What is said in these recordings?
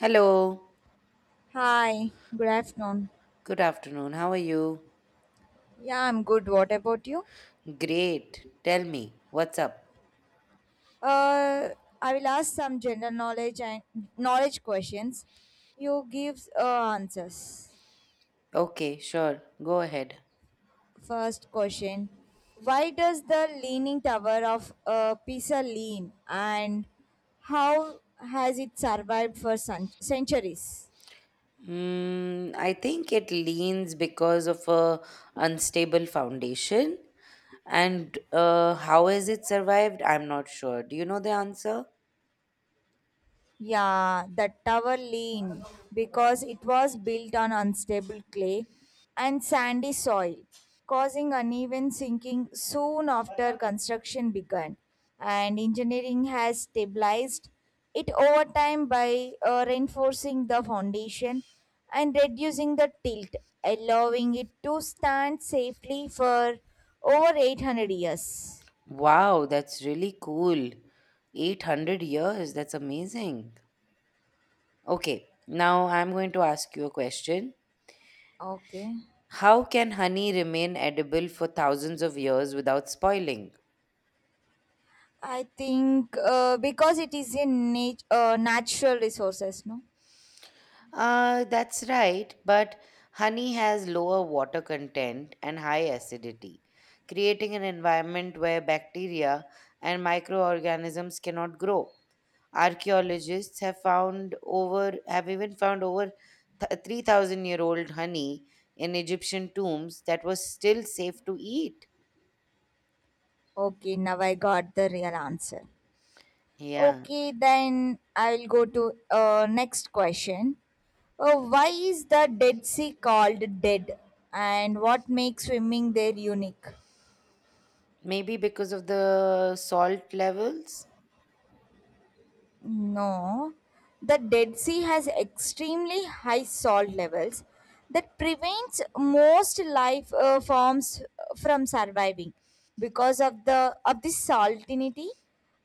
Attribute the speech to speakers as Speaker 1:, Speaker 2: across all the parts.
Speaker 1: Hello,
Speaker 2: Hi, good afternoon.
Speaker 1: good afternoon. How are you?
Speaker 2: Yeah, I'm good. What about you?
Speaker 1: Great. Tell me, what's up?
Speaker 2: Uh, I will ask some general knowledge and knowledge questions. You give answers.
Speaker 1: Okay, sure. Go ahead.
Speaker 2: First question: Why does the Leaning Tower of Pisa lean, and how has it survived for centuries?
Speaker 1: I think it leans because of a unstable foundation. And how has it survived? I'm not sure. Do you know the answer?
Speaker 2: Yeah, the tower leaned because it was built on unstable clay and sandy soil, causing uneven sinking soon after construction began. And engineering has stabilized it over time by reinforcing the foundation and reducing the tilt, allowing it to stand safely for over 800 years.
Speaker 1: Wow, that's really cool. 800 years, that's amazing. Okay, now I'm going to ask you a question.
Speaker 2: Okay.
Speaker 1: How can honey remain edible for thousands of years without spoiling?
Speaker 2: I think because it is in natural resources, no?
Speaker 1: That's right, but honey has lower water content and high acidity, creating an environment where bacteria and microorganisms cannot grow. Archaeologists have found over have even found over th- 3,000 year old honey in Egyptian tombs that was still safe to eat.
Speaker 2: Okay, now I got the real answer.
Speaker 1: Yeah,
Speaker 2: Okay, then I'll go to next question. Why is the Dead Sea called dead, and what makes swimming there unique?
Speaker 1: maybe because of the salt levels.
Speaker 2: No, the Dead Sea has extremely high salt levels that prevents most life forms from surviving because of the salinity,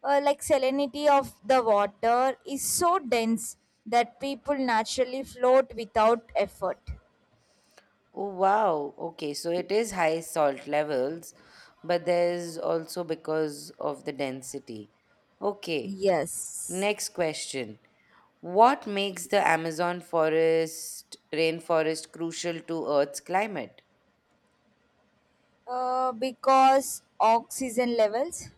Speaker 2: like salinity of the water is so dense that people naturally float without effort.
Speaker 1: Oh, wow. Okay, so it is high salt levels, but there's also because of the density. Okay,
Speaker 2: Yes.
Speaker 1: next question. What makes the Amazon forest rainforest crucial to Earth's climate?
Speaker 2: Because oxygen levels.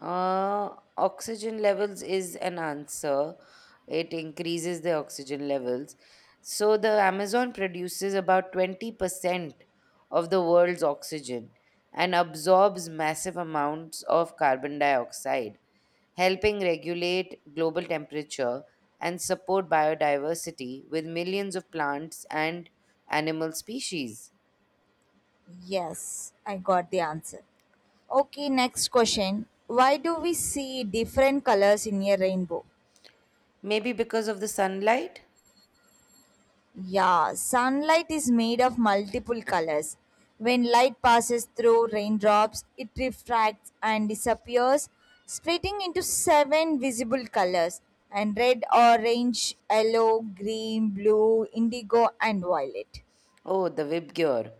Speaker 1: Oxygen levels is an answer. It increases the oxygen levels. So the Amazon produces about 20% of the world's oxygen and absorbs massive amounts of carbon dioxide, helping regulate global temperature and support biodiversity with millions of plants and animal species.
Speaker 2: Yes, I got the answer. Okay, next question. Why do we see different colors in a rainbow?
Speaker 1: Maybe because of the sunlight?
Speaker 2: Yeah, sunlight is made of multiple colors. When light passes through raindrops, it refracts and disappears, splitting into seven visible colors and red, orange, yellow, green, blue, indigo, and violet.
Speaker 1: Oh, the Vib Gear.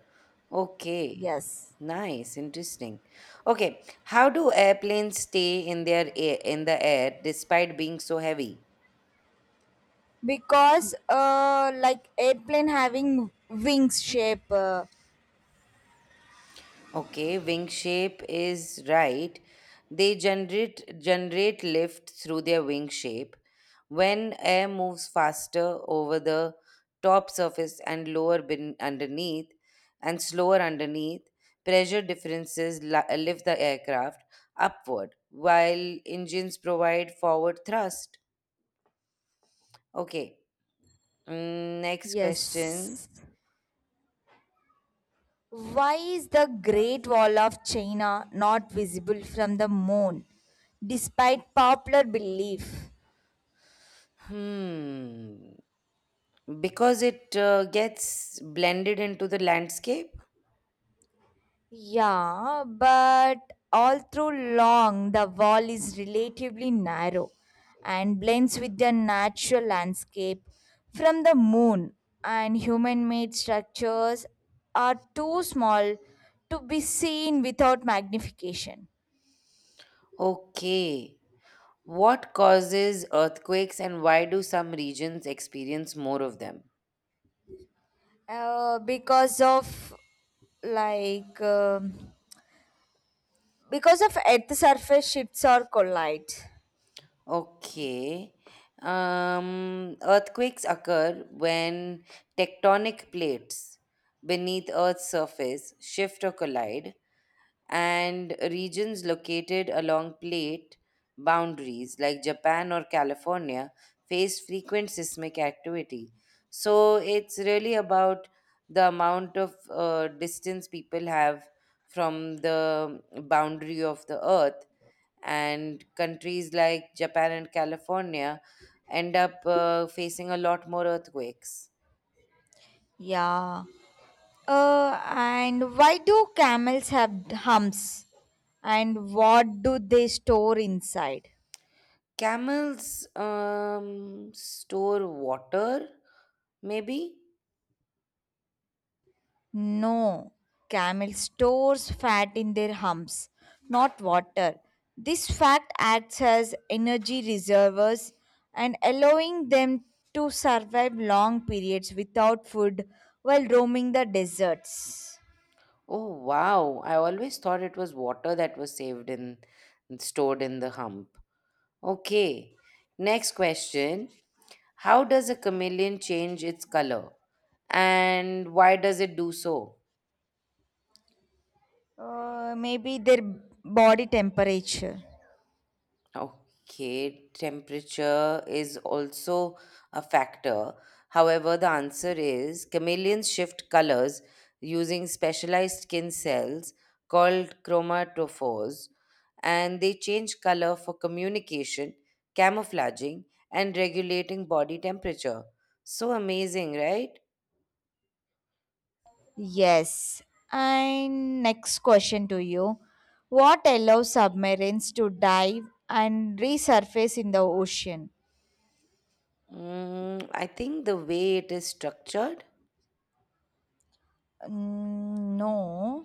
Speaker 1: Okay.
Speaker 2: Yes,
Speaker 1: Nice, interesting. Okay, how do airplanes stay in the air despite being so heavy?
Speaker 2: because like airplane having wings shape.
Speaker 1: Okay, wing shape is right. They generate lift through their wing shape. When air moves faster over the top surface underneath and slower underneath, pressure differences lift the aircraft upward while engines provide forward thrust. Okay. Next question.
Speaker 2: Yes. Why is the Great Wall of China not visible from the moon, despite popular belief?
Speaker 1: Hmm. Because it gets blended into the landscape.
Speaker 2: Yeah, but all through long, the wall is relatively narrow and blends with the natural landscape from the moon, and human made structures are too small to be seen without magnification.
Speaker 1: Okay. What causes earthquakes and why do some regions experience more of them?
Speaker 2: Because of like. um because of Earth surface shifts or collide.
Speaker 1: Okay. Earthquakes occur when tectonic plates beneath Earth's surface shift or collide, and regions located along plate boundaries like Japan or California face frequent seismic activity. So it's really about the amount of distance people have from the boundary of the earth, and countries like Japan and California end up facing a lot more earthquakes.
Speaker 2: Yeah. And why do camels have humps? And what do they store inside?
Speaker 1: Camels store water, maybe?
Speaker 2: No, camel stores fat in their humps, not water. This fat acts as energy reservoirs and allowing them to survive long periods without food while roaming the deserts.
Speaker 1: Oh wow, I always thought it was water that was saved in stored in the hump. Okay. Next question. How does a chameleon change its color? And why does it do so?
Speaker 2: Maybe their body temperature.
Speaker 1: Okay, temperature is also a factor. However, the answer is chameleons shift colors using specialized skin cells called chromatophores, and they change color for communication, camouflaging, and regulating body temperature. So amazing, right?
Speaker 2: Yes. And next question to you. What allows submarines to dive and resurface in the ocean?
Speaker 1: I think the way it is structured.
Speaker 2: Mm, no.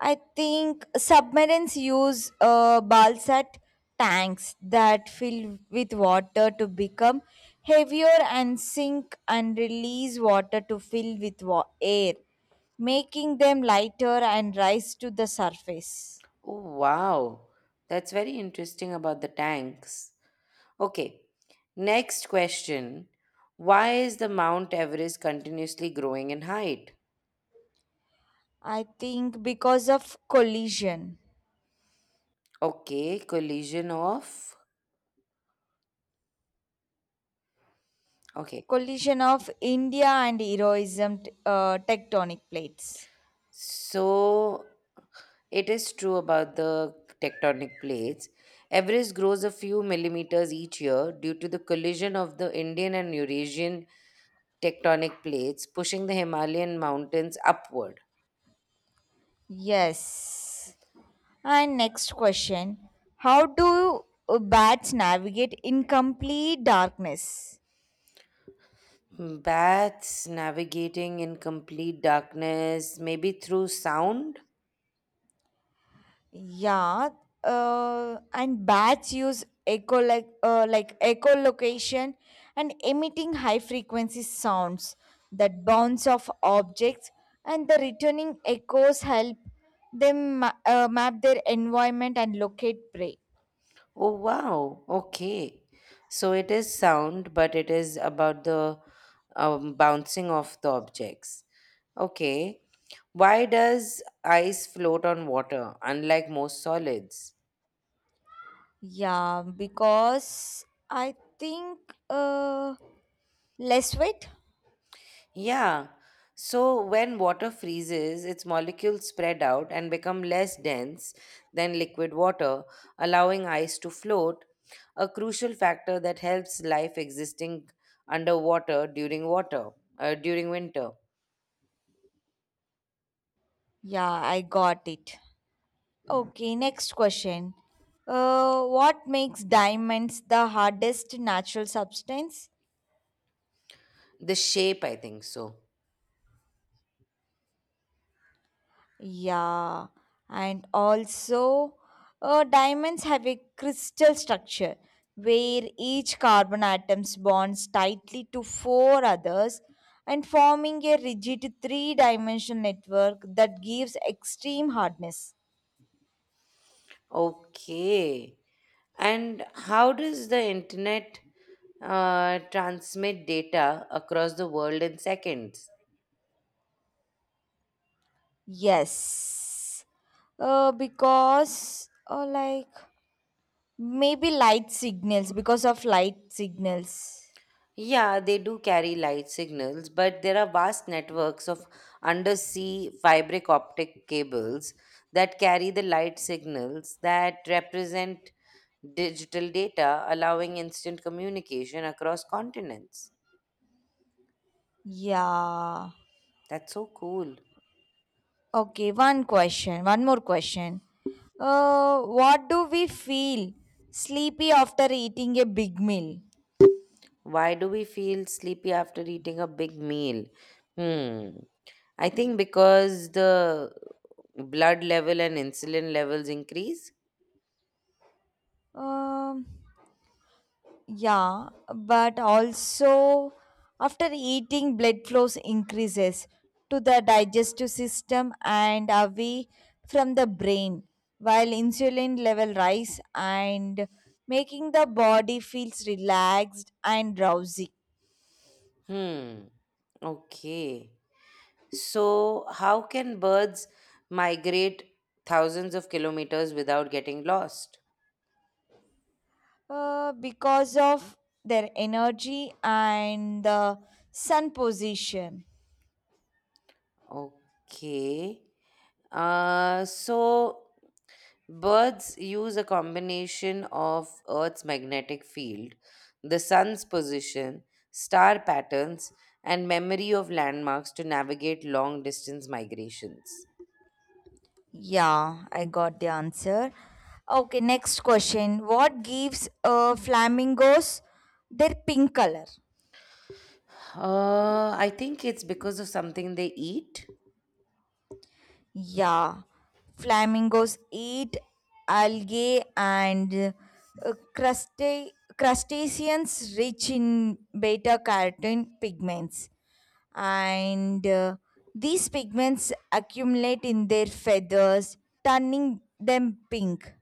Speaker 2: I think submarines use balsat tanks that fill with water to become heavier and sink and release water to fill with air, making them lighter and rise to the surface.
Speaker 1: Oh, wow. That's very interesting about the tanks. Okay. Next question. Why is the Mount Everest continuously growing in height?
Speaker 2: I think because of collision,
Speaker 1: Okay, collision of. Okay.
Speaker 2: collision of India and heroism tectonic plates.
Speaker 1: So it is true about the tectonic plates. Everest grows a few millimeters each year due to the collision of the Indian and Eurasian tectonic plates, pushing the Himalayan mountains upward.
Speaker 2: Yes. And next question, how do bats navigate in complete darkness?
Speaker 1: Hmm, bats navigating in complete darkness, maybe through sound?
Speaker 2: Yeah, and bats use echo like echolocation and emitting high frequency sounds that bounce off objects, and the returning echoes help them map their environment and locate prey.
Speaker 1: Oh, wow. Okay. So it is sound, but it is about the bouncing of the objects. Okay. Why does ice float on water, unlike most solids?
Speaker 2: Yeah, because I think uh, less weight.
Speaker 1: Yeah. So when water freezes, its molecules spread out and become less dense than liquid water, allowing ice to float, a crucial factor that helps life existing underwater during winter.
Speaker 2: Yeah, I got it. Okay, next question. What makes diamonds the hardest natural substance?
Speaker 1: The shape, I think so.
Speaker 2: Yeah, and also, diamonds have a crystal structure where each carbon atoms bonds tightly to four others and forming a rigid three-dimensional network that gives extreme hardness.
Speaker 1: Okay. And how does the internet transmit data across the world in seconds?
Speaker 2: Yes, because maybe light signals because of light signals.
Speaker 1: Yeah, they do carry light signals, but there are vast networks of undersea fibric optic cables that carry the light signals that represent digital data, allowing instant communication across continents.
Speaker 2: Yeah.
Speaker 1: That's so cool.
Speaker 2: Okay, one question, one more question. What do we feel sleepy after eating a big meal?
Speaker 1: Why do we feel sleepy after eating a big meal? Hmm. I think because the blood level and insulin levels increase.
Speaker 2: Um, Yeah, but also after eating, blood flows increases to the digestive system and away from the brain, while insulin level rise and making the body feels relaxed and drowsy.
Speaker 1: Hmm. Okay. So, how can birds migrate thousands of kilometers without getting lost?
Speaker 2: Because of their energy and the sun position.
Speaker 1: Okay. Uh, so Birds use a combination of Earth's magnetic field, the sun's position, star patterns, and memory of landmarks to navigate long distance migrations.
Speaker 2: Yeah, I got the answer. Okay, next question. What gives flamingos their pink color?
Speaker 1: I think it's because of something they eat.
Speaker 2: Yeah, flamingos eat algae and crusta- crustaceans rich in beta carotene pigments. And these pigments accumulate in their feathers, turning them pink.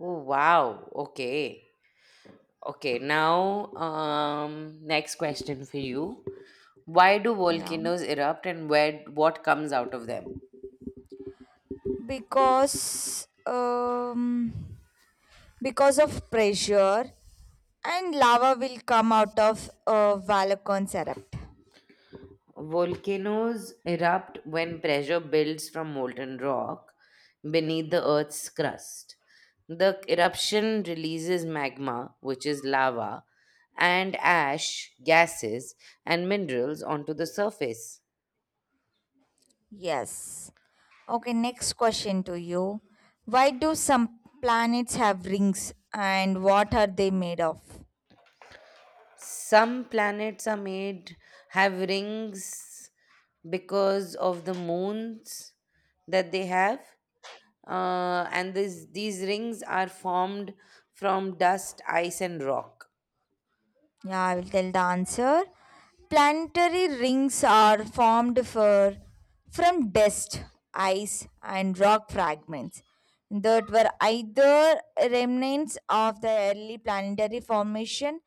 Speaker 1: Oh, wow. Okay. Okay, now, next question for you. Why do
Speaker 2: Yeah,
Speaker 1: volcanoes erupt and where, what comes out of them?
Speaker 2: because um, because of pressure and lava will come out of volcanoes erupt.
Speaker 1: Volcanoes erupt when pressure builds from molten rock beneath the Earth's crust. The eruption releases magma, which is lava, and ash, gases, and minerals onto the surface.
Speaker 2: Yes. Okay, next question to you. Why do some planets have rings and what are they made of?
Speaker 1: Some planets are made have rings because of the moons that they have. These rings are formed from dust, ice, and rock.
Speaker 2: Yeah, I will tell the answer. Planetary rings are formed for, from dust, ice, and rock fragments that were either remnants of the early planetary formation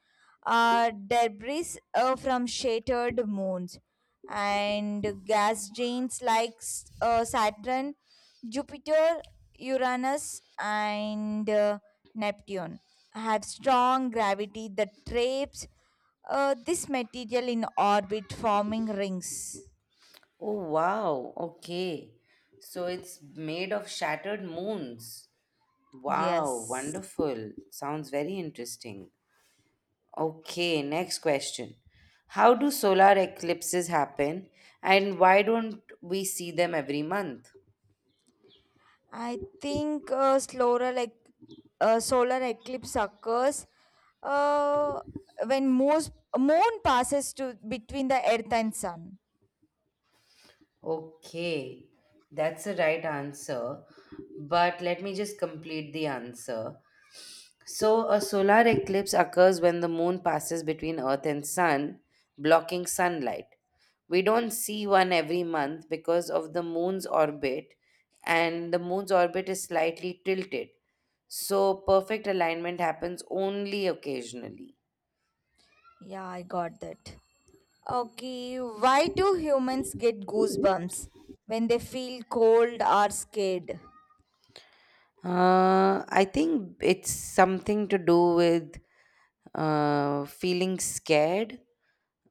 Speaker 2: or debris from shattered moons and gas giants like Saturn, Jupiter, Uranus, and Neptune have strong gravity that traps this material in orbit, forming rings.
Speaker 1: Oh wow, okay. So it's made of shattered moons. Wow,
Speaker 2: Yes,
Speaker 1: wonderful. Sounds very interesting. Okay, next question. How do solar eclipses happen and why don't we see them every month?
Speaker 2: I think slower like solar eclipse occurs uh, when most moon passes to between the Earth and Sun.
Speaker 1: Okay, that's the right answer. But let me just complete the answer. So, a solar eclipse occurs when the moon passes between Earth and Sun, blocking sunlight. We don't see one every month because of the moon's orbit, and the moon's orbit is slightly tilted. So, perfect alignment happens only occasionally.
Speaker 2: Yeah, I got that. Okay, why do humans get goosebumps when they feel cold or scared?
Speaker 1: I think it's something to do with feeling scared.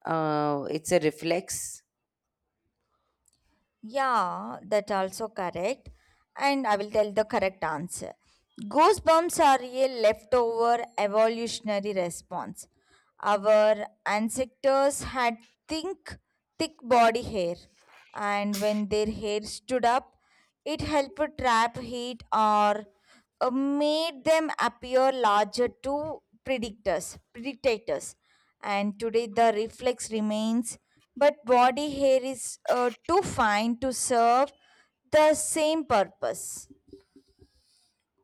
Speaker 1: It's a reflex.
Speaker 2: Yeah, that also correct. And I will tell the correct answer. Goosebumps are a leftover evolutionary response. Our ancestors had thick, thick body hair, and when their hair stood up, it helped trap heat or made them appear larger to predators. And today the reflex remains, but body hair is too fine to serve the same purpose.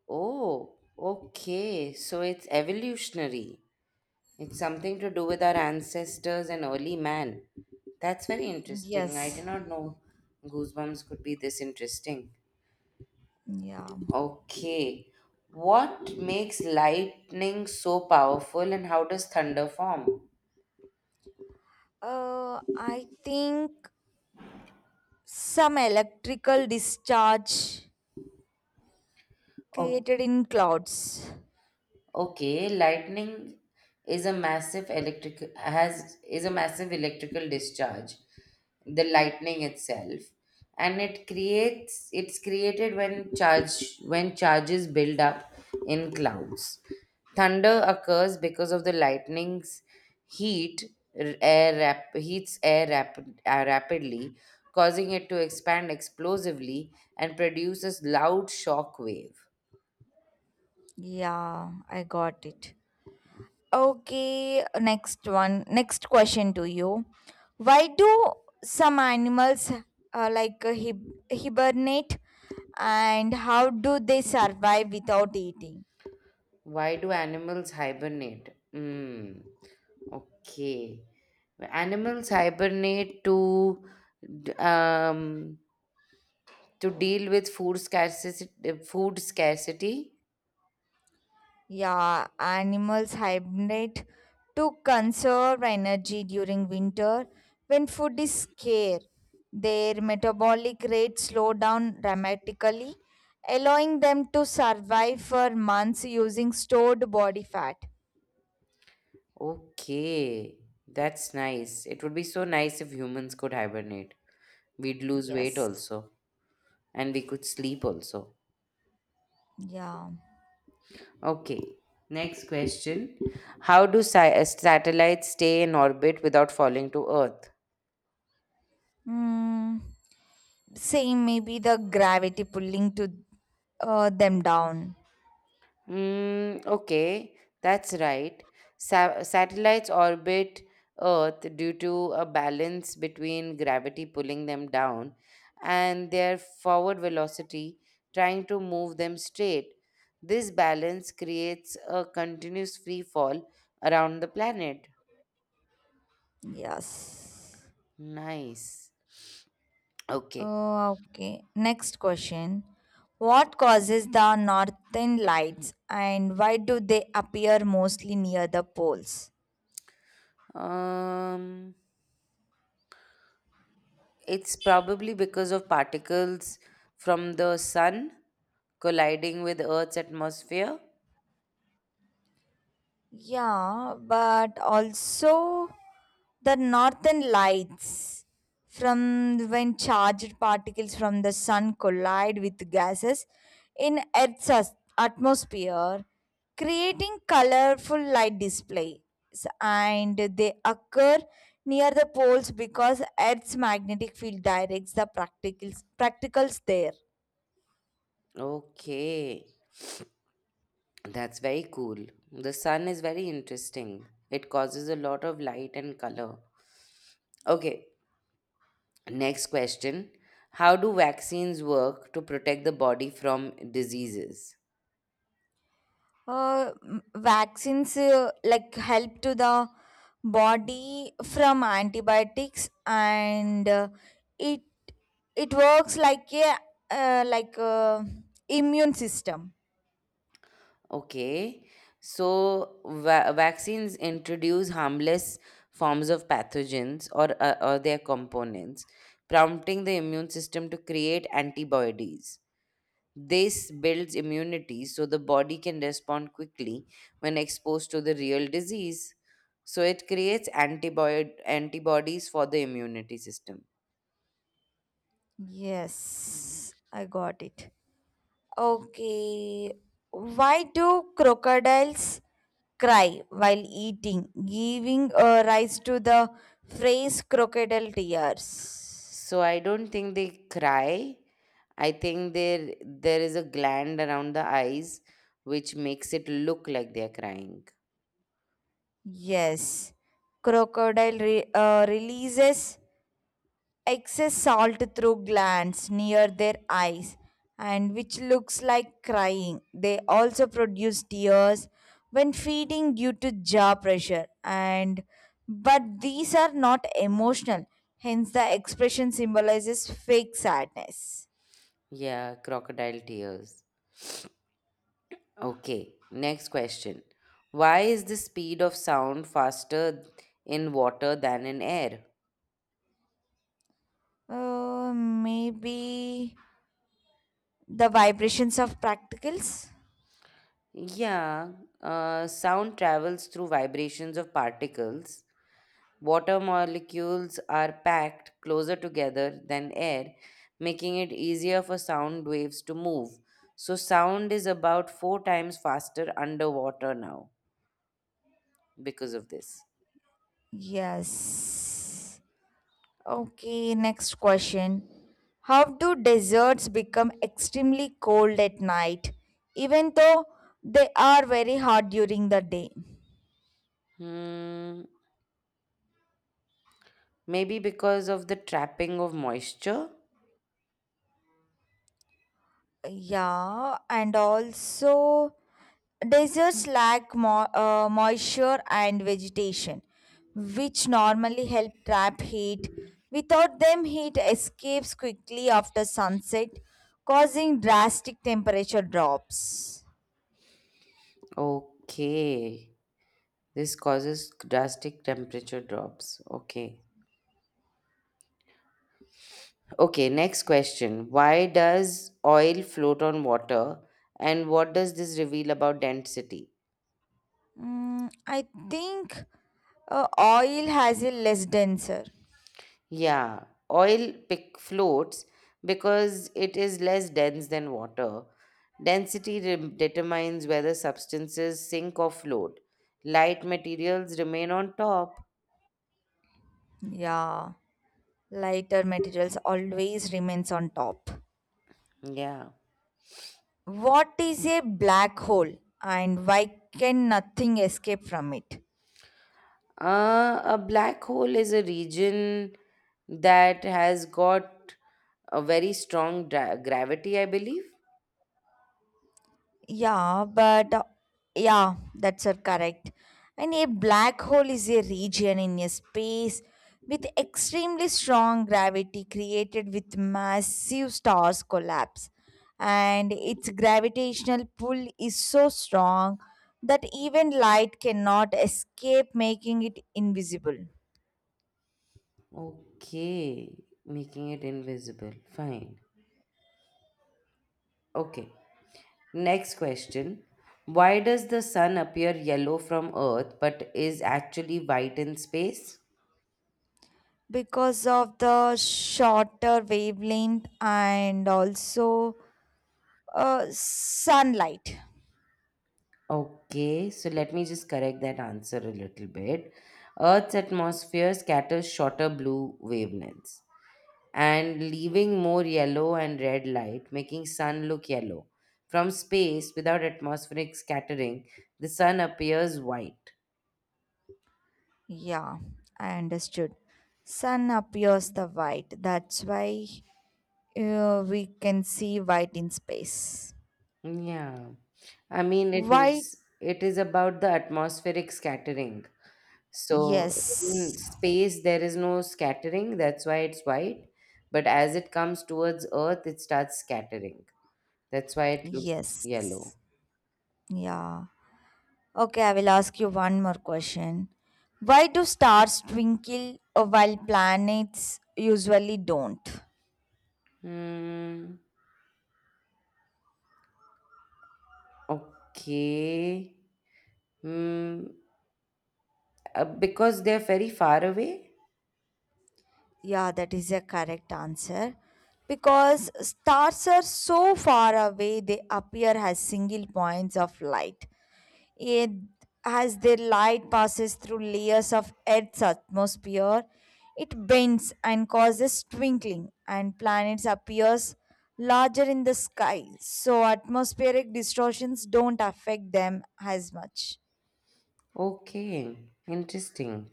Speaker 1: Oh, okay. So it's evolutionary. It's something to do with our ancestors and early man. That's very interesting. I
Speaker 2: Yes.
Speaker 1: did not know goosebumps could be this interesting.
Speaker 2: Yeah.
Speaker 1: Okay. What makes lightning so powerful and how does thunder form?
Speaker 2: I think some electrical discharge created in clouds.
Speaker 1: Okay, lightning is a massive electrical discharge, the lightning itself, and it's created when charges build up in clouds. Thunder occurs because of the lightning's heat heats air rapidly, causing it to expand explosively and produces loud shock wave.
Speaker 2: Yeah, I got it. Okay, next one. Next question to you. Why do some animals hibernate and how do they survive without eating?
Speaker 1: Why do animals hibernate? Okay. Animals hibernate to d- um, to deal with food scarcity. Food scarcity.
Speaker 2: Yeah, animals hibernate to conserve energy during winter when food is scarce. Their metabolic rate slow down dramatically, allowing them to survive for months using stored body fat.
Speaker 1: Okay, that's nice. It would be so nice if humans could hibernate. We'd lose weight
Speaker 2: Yes.
Speaker 1: also, and we could sleep also.
Speaker 2: Yeah.
Speaker 1: Okay. Next question: How do satellites stay in orbit without falling to Earth?
Speaker 2: Mm, same, maybe the gravity pulling to them down.
Speaker 1: Okay, that's right. Satellites orbit Earth due to a balance between gravity pulling them down and their forward velocity trying to move them straight. This balance creates a continuous free fall around the planet.
Speaker 2: Yes.
Speaker 1: Nice. Okay.
Speaker 2: Oh, okay. Next question. What causes the northern lights and why do they appear mostly near the poles?
Speaker 1: Um, it's probably because of particles from the sun colliding with Earth's atmosphere.
Speaker 2: Yeah, but also the northern lights from when charged particles from the sun collide with gases in Earth's atmosphere, creating colorful light displays. And they occur near the poles because Earth's magnetic field directs the practicals there.
Speaker 1: Okay, that's very cool. The sun is very interesting. It causes a lot of light and color. Okay, next question. How do vaccines work to protect the body from diseases?
Speaker 2: Vaccines help to the body from antibiotics and it it works like a uh, like a immune system.
Speaker 1: Okay, so vaccines introduce harmless forms of pathogens or or their components, prompting the immune system to create antibodies. This builds immunity so the body can respond quickly when exposed to the real disease. So it creates antibodies for the immunity system.
Speaker 2: Yes, I got it. Okay, why do crocodiles cry while eating giving rise to the phrase crocodile tears?
Speaker 1: So I don't think they cry. I think there is a gland around the eyes which makes it look like they're crying.
Speaker 2: Yes, crocodile releases excess salt through glands near their eyes and which looks like crying. They also produce tears when feeding due to jaw pressure and but these are not emotional. Hence the expression symbolizes fake sadness.
Speaker 1: Yeah, crocodile tears. Okay, next question. Why is the speed of sound faster in water than in air?
Speaker 2: Maybe the vibrations of practicals?
Speaker 1: Yeah, sound travels through vibrations of particles. Water molecules are packed closer together than air, making it easier for sound waves to move. So, sound is about 4 times faster underwater now because of this.
Speaker 2: Yes. Okay, next question. How do deserts become extremely cold at night, even though they are very hot during the day?
Speaker 1: Hmm, maybe because of the trapping of moisture?
Speaker 2: Yeah, and also deserts lack moisture and vegetation, which normally help trap heat. Without them, heat escapes quickly after sunset, causing drastic temperature drops.
Speaker 1: Okay, this causes drastic temperature drops. Okay. Okay, next question. Why does oil float on water and what does this reveal about density?
Speaker 2: Mm, I think oil has a less denser.
Speaker 1: Yeah, oil floats because it is less dense than water. Density determines whether substances sink or float. Light materials remain on top.
Speaker 2: Yeah, lighter materials always remains on top.
Speaker 1: Yeah.
Speaker 2: What is a black hole and why can nothing escape from it?
Speaker 1: A black hole is a region that has got a very strong gravity, I believe.
Speaker 2: Yeah, but yeah, that's correct. And a black hole is a region in a space with extremely strong gravity created with massive stars collapse. And its gravitational pull is so strong that even light cannot escape, making it invisible.
Speaker 1: Okay, making it invisible. Fine. Okay. Next question. Why does the sun appear yellow from Earth but is actually white in space?
Speaker 2: Because of the shorter wavelength and also sunlight.
Speaker 1: Okay, so let me just correct that answer a little bit. Earth's atmosphere scatters shorter blue wavelengths and leaving more yellow and red light, making sun look yellow. From space, without atmospheric scattering, the sun appears white.
Speaker 2: Yeah, I understood. Sun appears the white. That's why we can see white in space.
Speaker 1: Yeah. I mean, it
Speaker 2: White?
Speaker 1: is it is about the atmospheric scattering. So
Speaker 2: Yes.
Speaker 1: in space, there is no scattering. That's why it's white. But as it comes towards Earth, it starts scattering. That's why it looks
Speaker 2: Yes.
Speaker 1: yellow.
Speaker 2: Yeah. Okay, I will ask you one more question. Why do stars twinkle while planets usually don't?
Speaker 1: Hmm. Okay. Hmm. Because they're very far away.
Speaker 2: Yeah, that is a correct answer. Because stars are so far away, they appear as single points of light. It, as their light passes through layers of Earth's atmosphere, it bends and causes twinkling, and planets appears larger in the sky. So atmospheric distortions don't affect them as much.
Speaker 1: Okay. Interesting.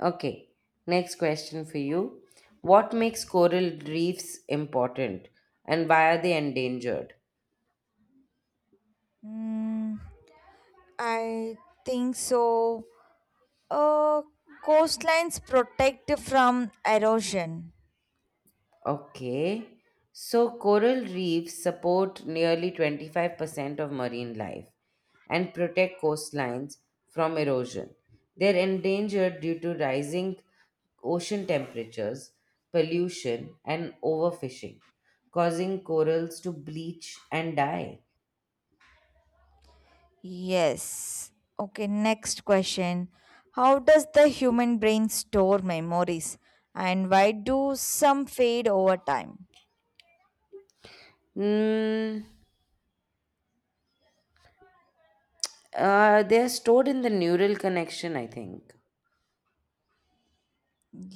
Speaker 1: Okay. Next question for you. What makes coral reefs important, and why are they endangered?
Speaker 2: Mm, I think so. Uh, coastlines protect from erosion.
Speaker 1: Okay. So coral reefs support nearly 25% of marine life and protect coastlines from erosion. They're endangered due to rising ocean temperatures, pollution, and overfishing, causing corals to bleach and die.
Speaker 2: Yes. Okay, next question. How does the human brain store memories and why do some fade over time?
Speaker 1: Mm, they're stored in the neural connection, I think.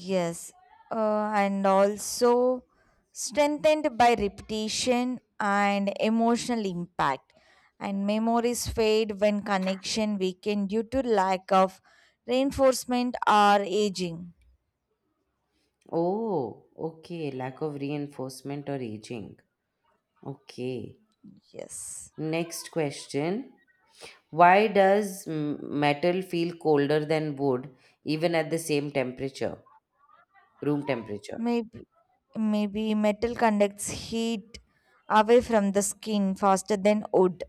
Speaker 2: Yes. And also strengthened by repetition and emotional impact. And memories fade when connection weaken due to lack of reinforcement or aging.
Speaker 1: Oh, okay. Lack of reinforcement or aging. Okay.
Speaker 2: Yes.
Speaker 1: Next question. Why does metal feel colder than wood even at the same temperature, room temperature?
Speaker 2: Maybe, maybe metal conducts heat away from the skin faster than wood.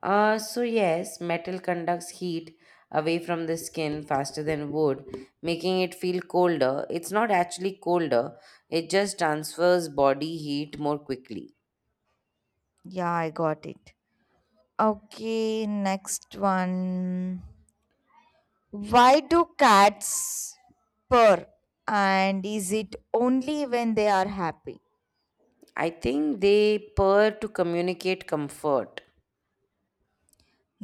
Speaker 1: Yes, metal conducts heat away from the skin faster than wood, making it feel colder. It's not actually colder, it just transfers body heat more quickly.
Speaker 2: Yeah, I got it. Okay, next one. Why do cats purr? And is it only when they are happy?
Speaker 1: I think they purr to communicate comfort.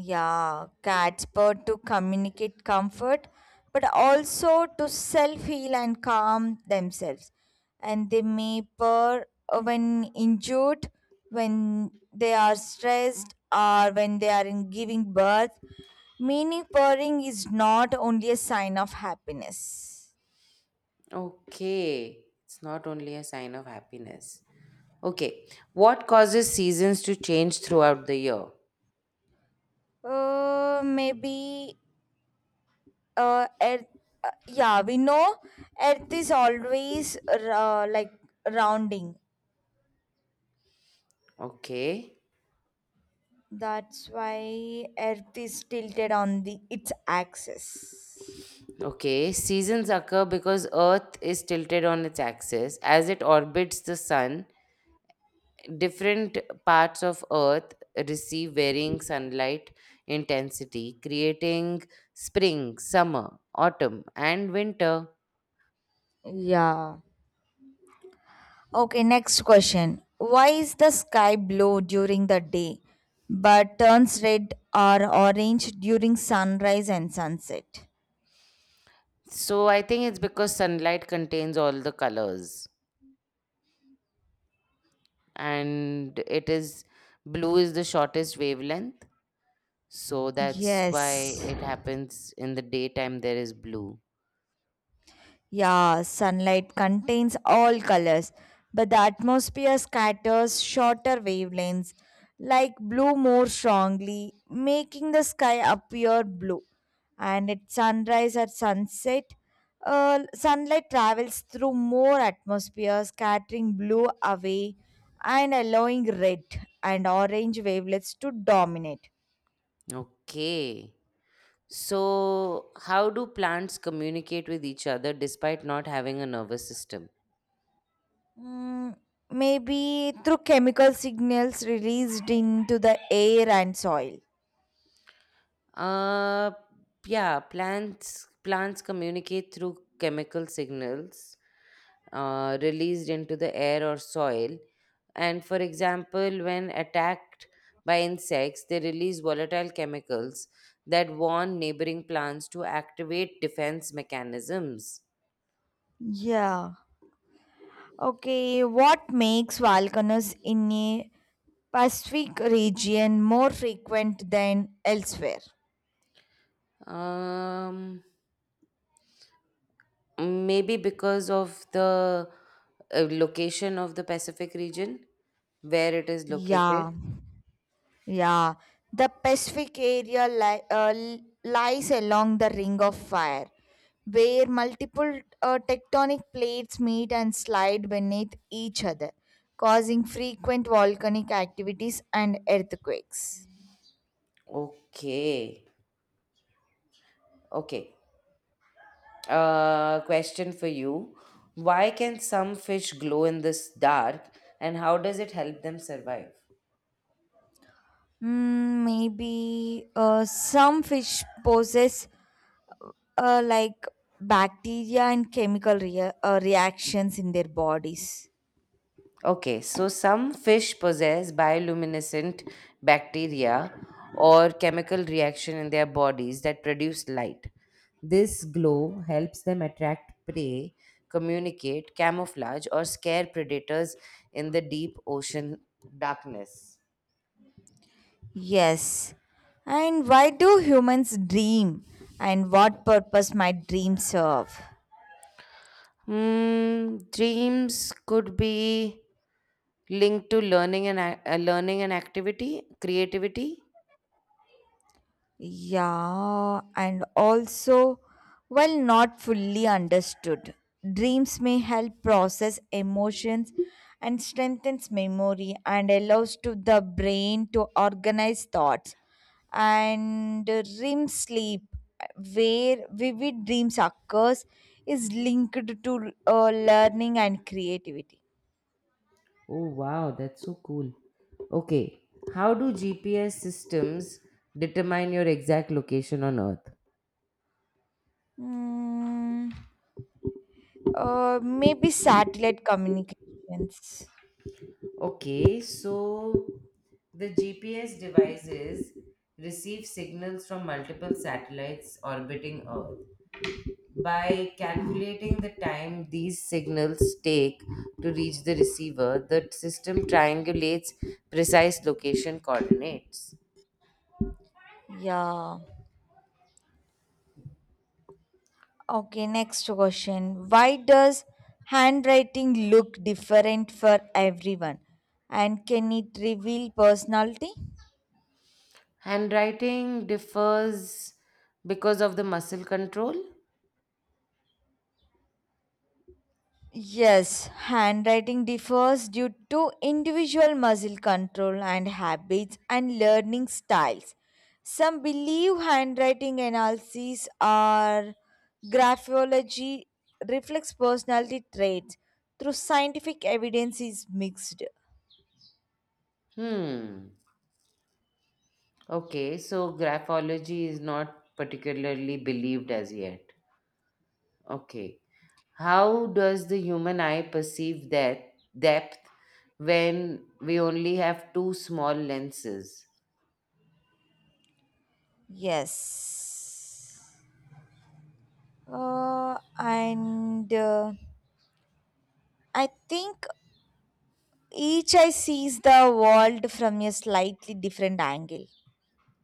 Speaker 2: Yeah, cats purr to communicate comfort, but also to self heal and calm themselves. And they may purr when injured, when they are stressed, or when they are in giving birth. Meaning, purring is not only a sign of happiness.
Speaker 1: Okay, it's not only a sign of happiness. Okay. What causes seasons to change throughout the year?
Speaker 2: Uh, maybe uh, earth, yeah, we know earth is always rounding.
Speaker 1: Okay.
Speaker 2: That's why Earth is tilted on the its axis.
Speaker 1: Okay. Seasons occur because Earth is tilted on its axis. As it orbits the sun, different parts of Earth receive varying sunlight intensity, creating spring, summer, autumn, and winter.
Speaker 2: Yeah. Okay, next question. Why is the sky blue during the day but turns red or orange during sunrise and sunset?
Speaker 1: So I think it's because sunlight contains all the colors, and it is blue is the shortest wavelength. So that's why
Speaker 2: Yes.
Speaker 1: it happens in the daytime, there is blue.
Speaker 2: Yeah, sunlight contains all colors, but the atmosphere scatters shorter wavelengths, like blue more strongly, making the sky appear blue. And at sunrise at sunset, sunlight travels through more atmosphere, scattering blue away and allowing red and orange wavelets to dominate.
Speaker 1: Okay. So, how do plants communicate with each other despite not having a nervous system?
Speaker 2: Mm, maybe through chemical signals released into the air and soil.
Speaker 1: Uh, yeah, plants communicate through chemical signals released into the air or soil. And for example, when attacked by insects, they release volatile chemicals that warn neighboring plants to activate defense mechanisms.
Speaker 2: Yeah. Okay, what makes volcanoes in a Pacific region more frequent than elsewhere?
Speaker 1: Um, Maybe because of the location of the Pacific region, where it is
Speaker 2: Yeah,
Speaker 1: located.
Speaker 2: yeah. The Pacific area lies along the Ring of Fire, where multiple tectonic plates meet and slide beneath each other, causing frequent volcanic activities and earthquakes.
Speaker 1: Okay, okay. Question for you. Why can some fish glow in this dark and how does it help them survive?
Speaker 2: Hmm, maybe some fish possess uh, like bacteria and chemical reactions in their bodies.
Speaker 1: Okay, so some fish possess bioluminescent bacteria or chemical reaction in their bodies that produce light. This glow helps them attract prey, communicate, camouflage, or scare predators in the deep ocean darkness.
Speaker 2: Yes. And why do humans dream? And what purpose might dreams serve?
Speaker 1: Hmm, dreams could be linked to learning and activity, creativity.
Speaker 2: Yeah, and also, while not fully understood, dreams may help process emotions and strengthens memory and allows to the brain to organize thoughts. And REM sleep, where vivid dreams occurs, is linked to learning and creativity.
Speaker 1: Oh wow, that's so cool. Okay, how do GPS systems determine your exact location on Earth?
Speaker 2: Mm, maybe satellite communications.
Speaker 1: Okay, so the GPS devices receive signals from multiple satellites orbiting Earth. By calculating the time these signals take to reach the receiver, the system triangulates precise location coordinates.
Speaker 2: Yeah. Okay, next question. Why does handwriting look different for everyone? And can it reveal personality?
Speaker 1: Handwriting differs because of the muscle control?
Speaker 2: Yes, handwriting differs due to individual muscle control and habits and learning styles. Some believe handwriting analyses or graphology reflects personality traits through scientific evidence is mixed.
Speaker 1: Hmm. Okay, so graphology is not particularly believed as yet. Okay. How does the human eye perceive that depth when we only have two small lenses?
Speaker 2: Yes. And I think each eye sees the world from a slightly different angle.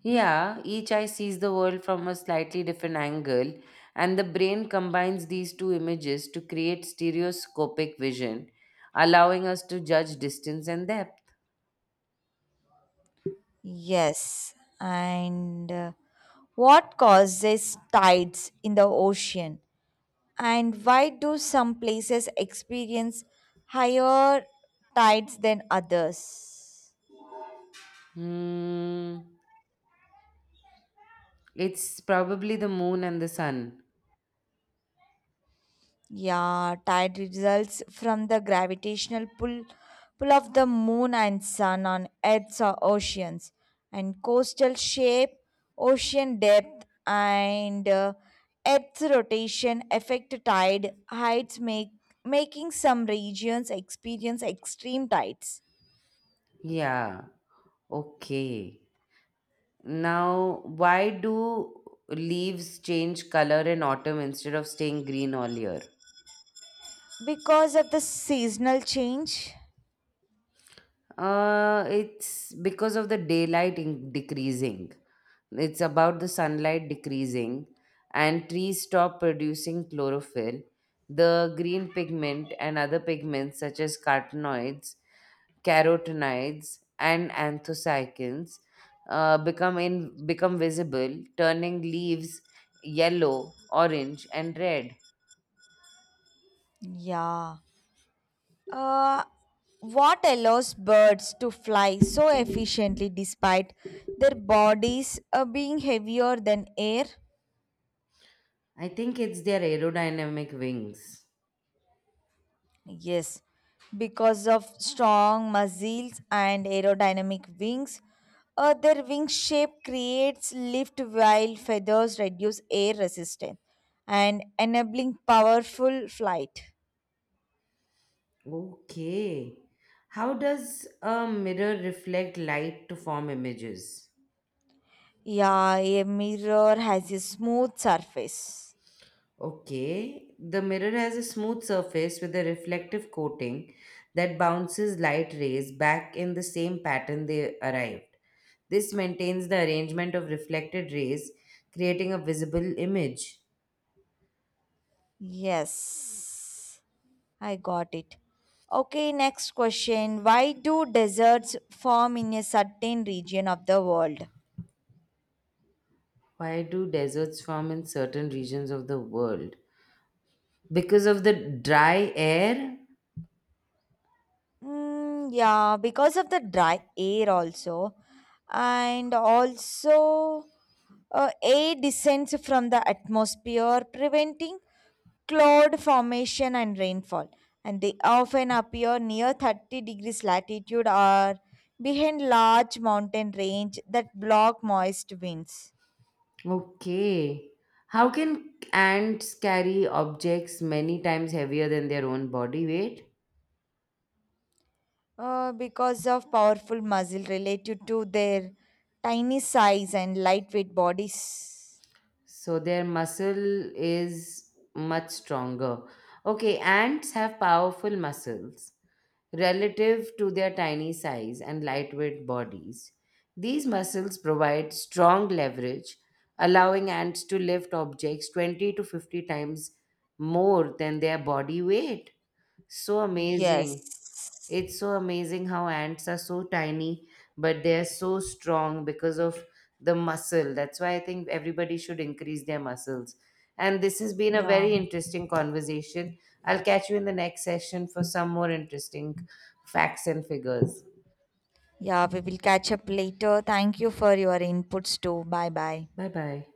Speaker 1: Yeah, each eye sees the world from a slightly different angle, and the brain combines these two images to create stereoscopic vision, allowing us to judge distance and depth.
Speaker 2: Yes, and what causes tides in the ocean? And why do some places experience higher tides than others?
Speaker 1: Hmm, it's probably the moon and the sun.
Speaker 2: Yeah, tide results from the gravitational pull of the moon and sun on Earth's oceans, and coastal shape, ocean depth, and Earth's rotation affect tide heights, make making some regions experience extreme tides
Speaker 1: Yeah. Okay. Now, why do leaves change color in autumn instead of staying green all year?
Speaker 2: because of the seasonal change.
Speaker 1: It's because of the decreasing. It's about the sunlight decreasing, and trees stop producing chlorophyll, the green pigment, and other pigments such as carotenoids, and anthocyanins become visible, turning leaves yellow, orange, and red.
Speaker 2: Yeah. Uh, what allows birds to fly so efficiently despite their bodies being heavier than air?
Speaker 1: I think it's their aerodynamic wings.
Speaker 2: Yes, because of strong muscles and aerodynamic wings. Their wing shape creates lift while feathers reduce air resistance and enabling powerful flight.
Speaker 1: Okay. How does a mirror reflect light to form images?
Speaker 2: Yeah, a mirror has a smooth surface.
Speaker 1: Okay. The mirror has a smooth surface with a reflective coating that bounces light rays back in the same pattern they arrived. This maintains the arrangement of reflected rays, creating a visible image.
Speaker 2: Yes. I got it. Okay, next question. Why do deserts form in a certain region of the world?
Speaker 1: Why do deserts form in certain regions of the world? Because of the dry air?
Speaker 2: Mm, yeah, because of the dry air also. And also, air descends from the atmosphere, preventing cloud formation and rainfall. And they often appear near 30 degrees latitude or behind large mountain range that block moist winds.
Speaker 1: Okay. How can ants carry objects many times heavier than their own body weight?
Speaker 2: Because of powerful muscle related to their tiny size and lightweight bodies.
Speaker 1: So their muscle is much stronger. Okay, ants have powerful muscles, relative to their tiny size and lightweight bodies. These muscles provide strong leverage, allowing ants to lift objects 20 to 50 times more than their body weight. So amazing.
Speaker 2: Yes.
Speaker 1: It's so amazing how ants are so tiny, but they are so strong because of the muscle. That's why I think everybody should increase their muscles. And this has been a
Speaker 2: Yeah.
Speaker 1: very interesting conversation. I'll catch you in the next session for some more interesting facts and figures.
Speaker 2: Yeah, we will catch up later. Thank you for your inputs too. Bye bye.
Speaker 1: Bye bye.